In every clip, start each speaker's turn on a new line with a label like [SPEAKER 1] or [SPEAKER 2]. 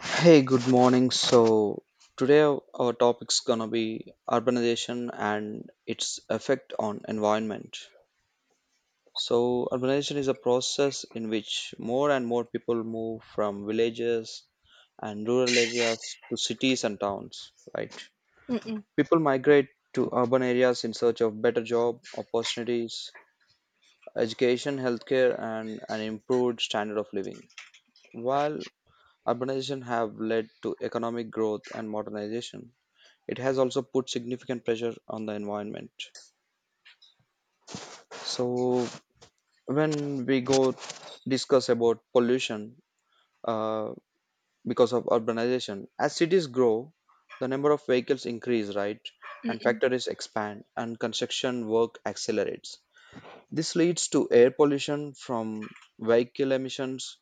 [SPEAKER 1] Hey, good morning. So today our topic's gonna be urbanization and its effect on environment. So urbanization is a process in which more and more people move from villages and rural areas to cities and towns, right?
[SPEAKER 2] Mm-mm,
[SPEAKER 1] People migrate to urban areas in search of better job opportunities, education, healthcare, and an improved standard of living. While urbanization have led to economic growth and modernization, it has also put significant pressure on the environment. So when we go discuss about pollution, uh, because of urbanization, as cities grow, the number of vehicles increase, right? And
[SPEAKER 2] mm-mm,
[SPEAKER 1] factories expand and construction work accelerates, this leads to air pollution from vehicle emissions,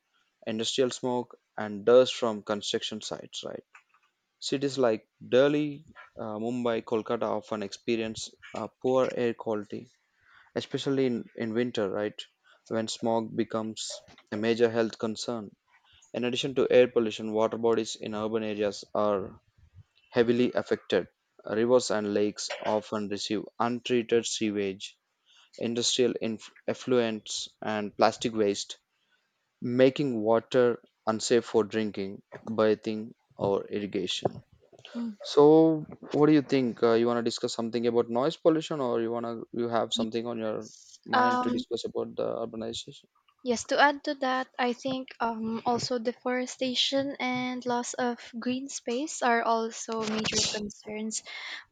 [SPEAKER 1] industrial smoke, and dust from construction sites, right? Cities like Delhi, Mumbai, Kolkata often experience poor air quality, especially in winter, right? When smog becomes a major health concern. In addition to air pollution, water bodies in urban areas are heavily affected. Rivers and lakes often receive untreated sewage, effluents, and plastic waste, making water unsafe for drinking, bathing, or irrigation.
[SPEAKER 2] mm.
[SPEAKER 1] So, what do you think? You want to discuss something about noise pollution, or you want to you have
[SPEAKER 2] Y-
[SPEAKER 1] something on your mind to
[SPEAKER 2] Um,
[SPEAKER 1] discuss about the urbanization?
[SPEAKER 2] yes, to add to that, I think also deforestation and loss of green space are also major concerns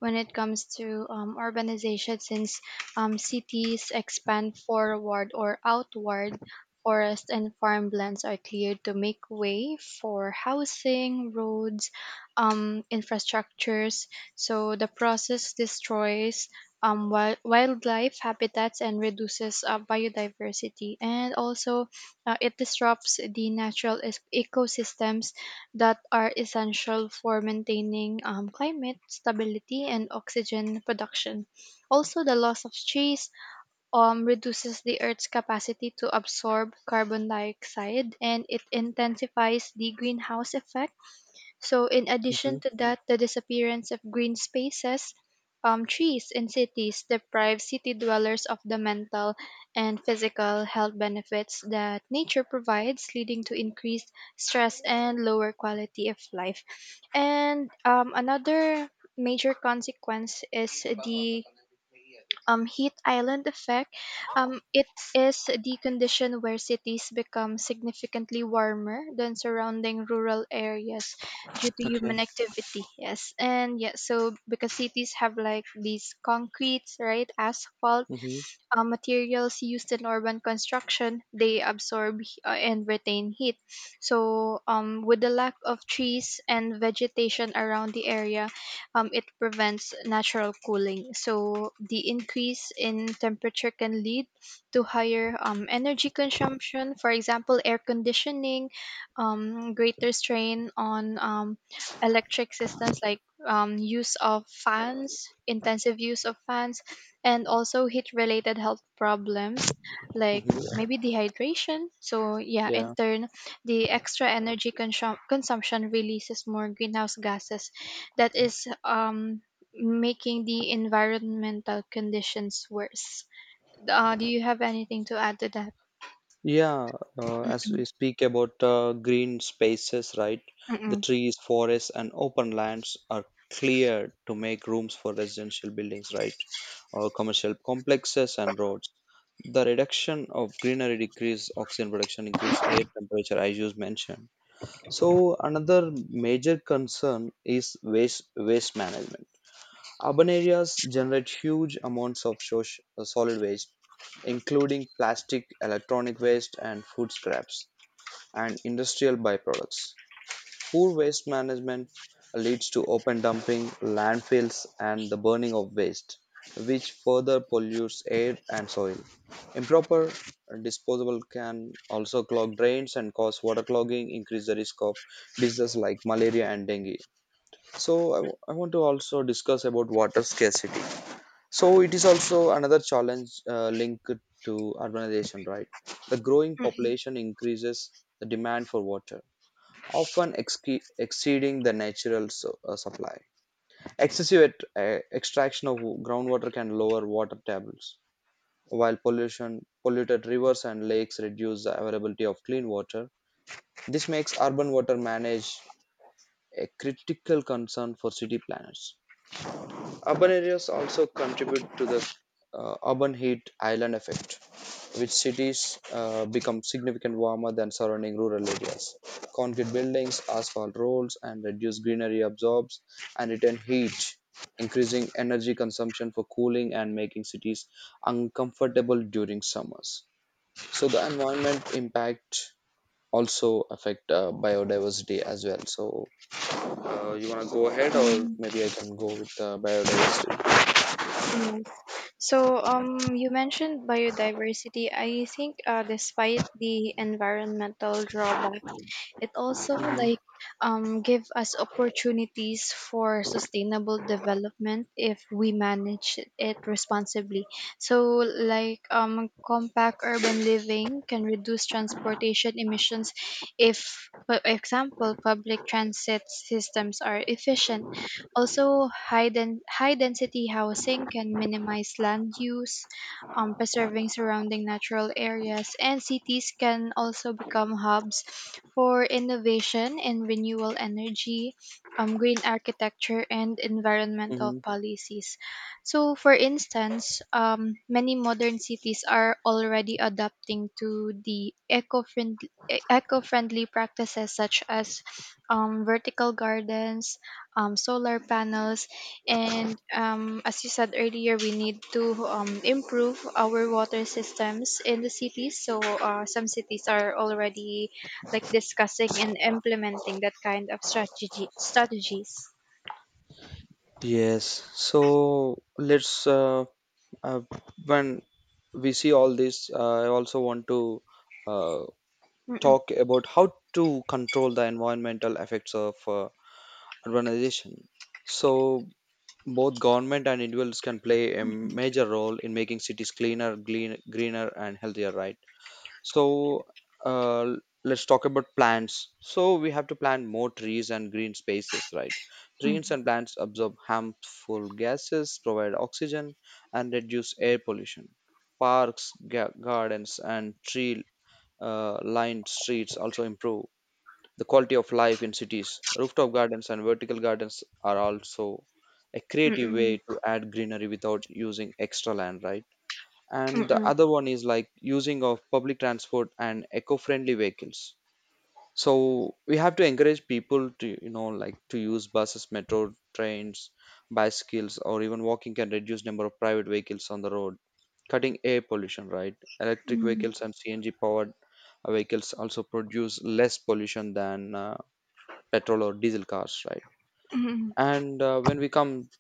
[SPEAKER 2] when it comes to urbanization, since cities expand forward or outward. Forest and farmlands are cleared to make way for housing, roads, infrastructures. So the process destroys wildlife habitats and reduces biodiversity. And also, it disrupts the natural ecosystems that are essential for maintaining climate stability and oxygen production. Also, the loss of trees reduces the Earth's capacity to absorb carbon dioxide, and it intensifies the greenhouse effect. So, in addition
[SPEAKER 1] hmm
[SPEAKER 2] to that, the disappearance of green spaces, trees in cities deprive city dwellers of the mental and physical health benefits that nature provides, leading to increased stress and lower quality of life. And another major consequence is the heat island effect. It is the condition where cities become significantly warmer than surrounding rural areas due to
[SPEAKER 1] Okay.
[SPEAKER 2] human activity. Yes, and yeah, so because cities have like these concretes, right, asphalt,
[SPEAKER 1] Mm-hmm.
[SPEAKER 2] materials used in urban construction, they absorb and retain heat. So with the lack of trees and vegetation around the area, it prevents natural cooling, so the increase in temperature can lead to higher energy consumption, for example air conditioning, greater strain on electric systems, like use of fans, intensive use of fans, and also heat related health problems like
[SPEAKER 1] Mm-hmm.
[SPEAKER 2] maybe dehydration. So yeah, in
[SPEAKER 1] Yeah.
[SPEAKER 2] turn the extra energy consumption releases more greenhouse gases, that is making the environmental conditions worse. Do you have anything to add to that?
[SPEAKER 1] Yeah, as we speak about green spaces, right? The
[SPEAKER 2] Mm-mm.
[SPEAKER 1] trees, forests, and open lands are cleared to make rooms for residential buildings, right? Or commercial complexes and roads. The reduction of greenery decrease oxygen production, increase air temperature, as you mentioned. So another major concern is waste management. Urban areas generate huge amounts of solid waste, including plastic, electronic waste, and food scraps, and industrial byproducts. Poor waste management leads to open dumping, landfills, and the burning of waste, which further pollutes air and soil. Improper disposal can also clog drains and cause water clogging, increase the risk of diseases like malaria and dengue. So, I want to also discuss about water scarcity. So, it is also another challenge, linked to urbanization, right? The growing population increases the demand for water, often exceeding the natural supply. Excessive at, Extraction of groundwater can lower water tables, while pollution polluted rivers and lakes reduce the availability of clean water. This makes urban water manage a critical concern for city planners. Urban areas also contribute to the urban heat island effect, which cities become significantly warmer than surrounding rural areas. Concrete buildings, asphalt roads, and reduced greenery absorbs and retain heat, increasing energy consumption for cooling and making cities uncomfortable during summers. So the environment impact also affect biodiversity as well. So you wanna go ahead, or
[SPEAKER 2] Mm-mm.
[SPEAKER 1] maybe I can go with biodiversity.
[SPEAKER 2] Yes. So, you mentioned biodiversity. I think, despite the environmental drawbacks, it also like
[SPEAKER 1] hmm
[SPEAKER 2] give us opportunities for sustainable development if we manage it responsibly. So, like compact urban living can reduce transportation emissions if, for example, public transit systems are efficient. Also, high density housing can minimize land use, preserving surrounding natural areas, and cities can also become hubs for innovation in renewable energy, green architecture, and environmental
[SPEAKER 1] hmm
[SPEAKER 2] policies. So, for instance, many modern cities are already adapting to the eco-friendly practices such as vertical gardens, solar panels. And as you said earlier, we need to improve our water systems in the cities. So some cities are already like discussing and implementing that kind of strategy strategies.
[SPEAKER 1] Yes. So let's uh, when we see all this, I also want to uh,
[SPEAKER 2] Mm-mm.
[SPEAKER 1] talk about how to control the environmental effects of urbanization. So, both government and individuals can play a
[SPEAKER 2] Mm-mm.
[SPEAKER 1] major role in making cities cleaner, greener, and healthier, right? So uh, let's talk about plants. So we have to plant more trees and green spaces, right? Trees and plants absorb harmful gases, provide oxygen, and reduce air pollution. Parks, gardens, and tree lined streets also improve the quality of life in cities. Rooftop gardens and vertical gardens are also a creative
[SPEAKER 2] Mm-mm.
[SPEAKER 1] way to add greenery without using extra land, right? And the
[SPEAKER 2] Mm-mm.
[SPEAKER 1] other one is like using of public transport and eco-friendly vehicles. So we have to encourage people to, you know, like to use buses, metro trains, bicycles, or even walking can reduce number of private vehicles on the road, cutting air pollution, right? Electric
[SPEAKER 2] Mm-mm.
[SPEAKER 1] vehicles and CNG powered vehicles also produce less pollution than petrol or diesel cars, right?
[SPEAKER 2] Mm-mm.
[SPEAKER 1] And when we come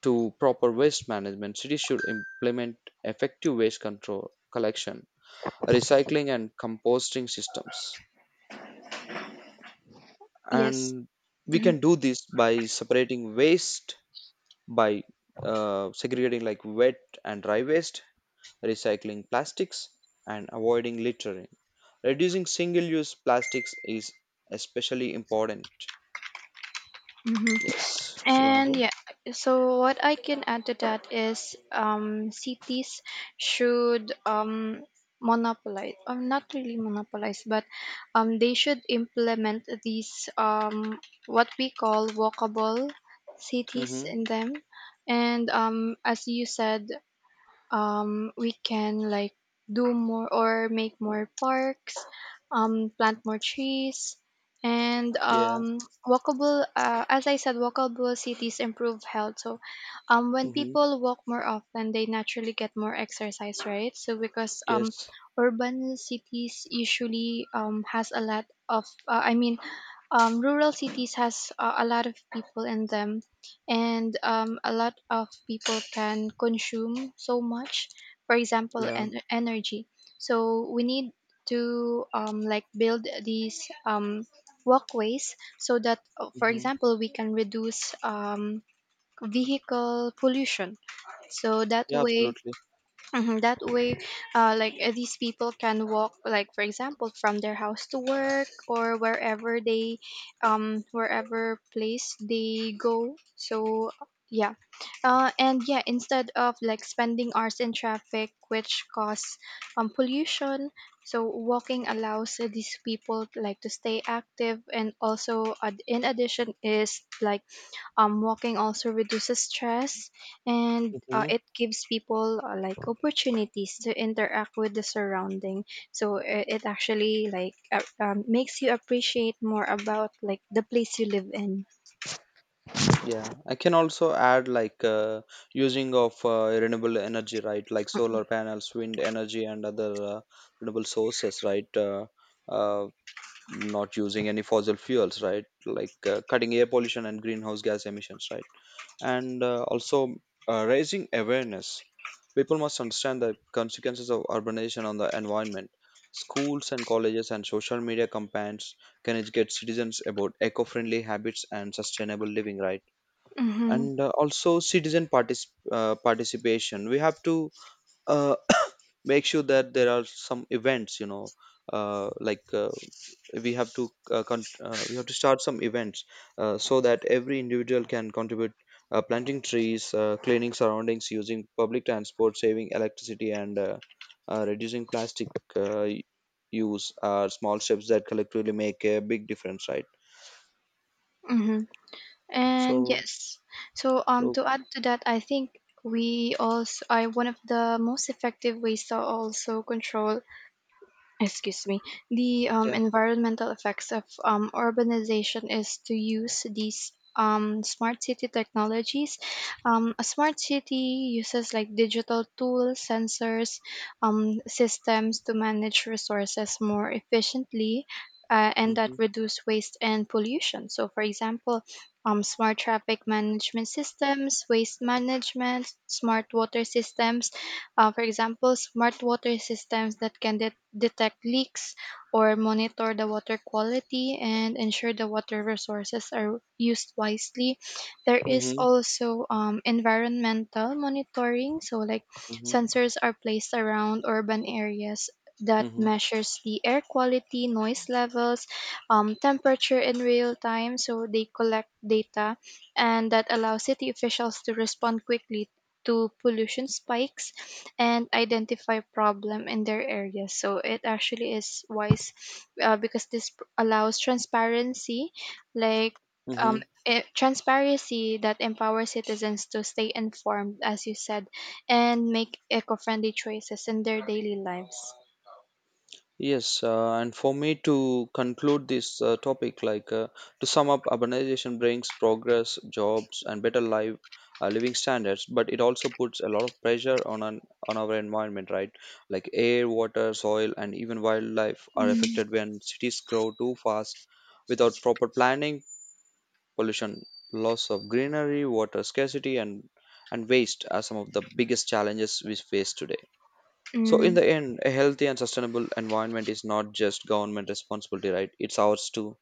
[SPEAKER 1] to proper waste management, cities should implement effective waste control collection, recycling, and composting systems.
[SPEAKER 2] Yes.
[SPEAKER 1] And we
[SPEAKER 2] Mm-hmm.
[SPEAKER 1] can do this by separating waste, by segregating like wet and dry waste, recycling plastics, and avoiding littering. Reducing single use plastics is especially important.
[SPEAKER 2] Mm-hmm.
[SPEAKER 1] Yes, you wanna
[SPEAKER 2] And
[SPEAKER 1] go?
[SPEAKER 2] yeah, so what I can add to that is cities should not really monopolize, but they should implement these what we call walkable cities
[SPEAKER 1] Mm-hmm.
[SPEAKER 2] in them. And as you said, we can like do more or make more parks, plant more trees, and
[SPEAKER 1] Yeah.
[SPEAKER 2] walkable. As I said, walkable cities improve health. So, when
[SPEAKER 1] Mm-hmm.
[SPEAKER 2] people walk more often, they naturally get more exercise, right? So because
[SPEAKER 1] Yes.
[SPEAKER 2] urban cities usually has a lot of. I mean, rural cities has a lot of people in them, and a lot of people can consume so much, for example
[SPEAKER 1] Yeah.
[SPEAKER 2] energy. So we need to like build these walkways, so that for
[SPEAKER 1] Mm-hmm.
[SPEAKER 2] example we can reduce vehicle pollution, so that
[SPEAKER 1] Yeah,
[SPEAKER 2] way.
[SPEAKER 1] absolutely.
[SPEAKER 2] Mhm. That way, these people can walk, like for example, from their house to work or wherever wherever place they go. So yeah, and yeah, instead of like spending hours in traffic, which cause pollution. So walking allows these people like to stay active, and also, in addition, is like walking also reduces stress, and
[SPEAKER 1] Mm-hmm.
[SPEAKER 2] it gives people like opportunities to interact with the surrounding. So it actually like makes you appreciate more about like the place you live in.
[SPEAKER 1] Yeah, I can also add like using of renewable energy, right? Like solar panels, wind energy, and other renewable sources, right? Uh, Not using any fossil fuels, right? Like, cutting air pollution and greenhouse gas emissions, right? And also, raising awareness. People must understand the consequences of urbanization on the environment. Schools and colleges and social media campaigns can educate citizens about eco-friendly habits and sustainable living, right?
[SPEAKER 2] Mm-hmm,
[SPEAKER 1] And also citizen participation, we have to uh, make sure that there are some events, you know, uh, like uh, we have to we have to start some events, so that every individual can contribute, planting trees, cleaning surroundings, using public transport, saving electricity, and reducing plastic uh, y- use are small steps that collectively make a big difference, right?
[SPEAKER 2] mm-hmm. And
[SPEAKER 1] so
[SPEAKER 2] yes, so
[SPEAKER 1] so
[SPEAKER 2] to add to that, I think we also, I one of the most effective ways to also control, excuse me, the
[SPEAKER 1] yeah.
[SPEAKER 2] environmental effects of urbanization is to use these smart city technologies. A smart city uses like digital tools, sensors, systems to manage resources more efficiently, and that
[SPEAKER 1] Hmm.
[SPEAKER 2] reduce waste and pollution. So for example, smart traffic management systems, waste management, smart water systems. For example, smart water systems that can detect leaks or monitor the water quality and ensure the water resources are used wisely. There is
[SPEAKER 1] Hmm.
[SPEAKER 2] also environmental monitoring, so like
[SPEAKER 1] Hmm.
[SPEAKER 2] sensors are placed around urban areas that
[SPEAKER 1] Hmm.
[SPEAKER 2] measures the air quality, noise levels, temperature in real time, so they collect data, and that allows city officials to respond quickly to pollution spikes and identify problem in their area. So it actually is wise, because this allows transparency, like
[SPEAKER 1] Mm-hmm.
[SPEAKER 2] transparency that empowers citizens to stay informed, as you said, and make eco-friendly choices in their daily lives.
[SPEAKER 1] Yes, and for me to conclude this topic, like, to sum up, urbanization brings progress, jobs, and better living standards, but it also puts a lot of pressure on on our environment, right? Like air, water, soil, and even wildlife are
[SPEAKER 2] Mm,
[SPEAKER 1] affected when cities grow too fast without proper planning. Pollution, loss of greenery, water scarcity, and waste are some of the biggest challenges we face today. So, in
[SPEAKER 2] mm,
[SPEAKER 1] the end, a healthy and sustainable environment is not just government responsibility, right? It's ours too.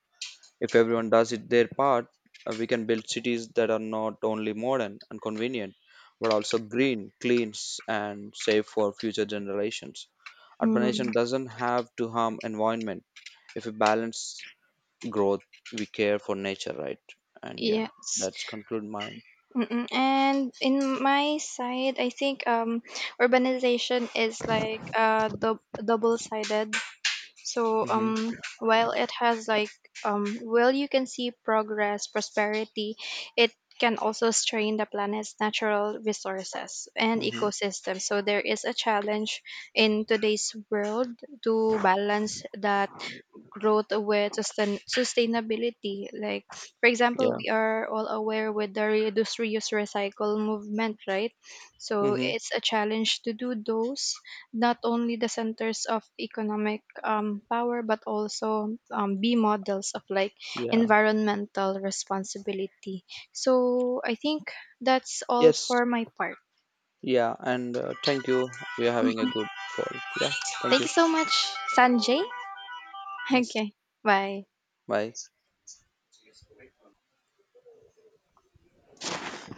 [SPEAKER 1] If everyone does it their part, we can build cities that are not only modern and convenient, but also green, and safe for future generations.
[SPEAKER 2] mm,
[SPEAKER 1] Urbanization doesn't have to harm environment. If we balance growth, we care for nature, right? And yeah,
[SPEAKER 2] yes.
[SPEAKER 1] that's conclude mine.
[SPEAKER 2] Mm-mm. And in my side, I think urbanization is like double-sided. So
[SPEAKER 1] Mm-hmm.
[SPEAKER 2] while it has like while you can see progress, prosperity, it can also strain the planet's natural resources and
[SPEAKER 1] Mm-hmm.
[SPEAKER 2] ecosystems. So there is a challenge in today's world to balance that growth with sustainability. Like, for example,
[SPEAKER 1] Yeah.
[SPEAKER 2] we are all aware with the reduce, reuse, recycle movement, right? So
[SPEAKER 1] Mm-hmm.
[SPEAKER 2] it's a challenge to do those, not only the centers of economic power, but also be models of like
[SPEAKER 1] Yeah.
[SPEAKER 2] environmental responsibility. So I think that's all
[SPEAKER 1] Yes.
[SPEAKER 2] for my part.
[SPEAKER 1] Yeah, and thank you. We are having a good call. Yeah, thank
[SPEAKER 2] Thank
[SPEAKER 1] you.
[SPEAKER 2] you so much, Sanjay.
[SPEAKER 1] Yes,
[SPEAKER 2] Okay, bye.
[SPEAKER 1] bye.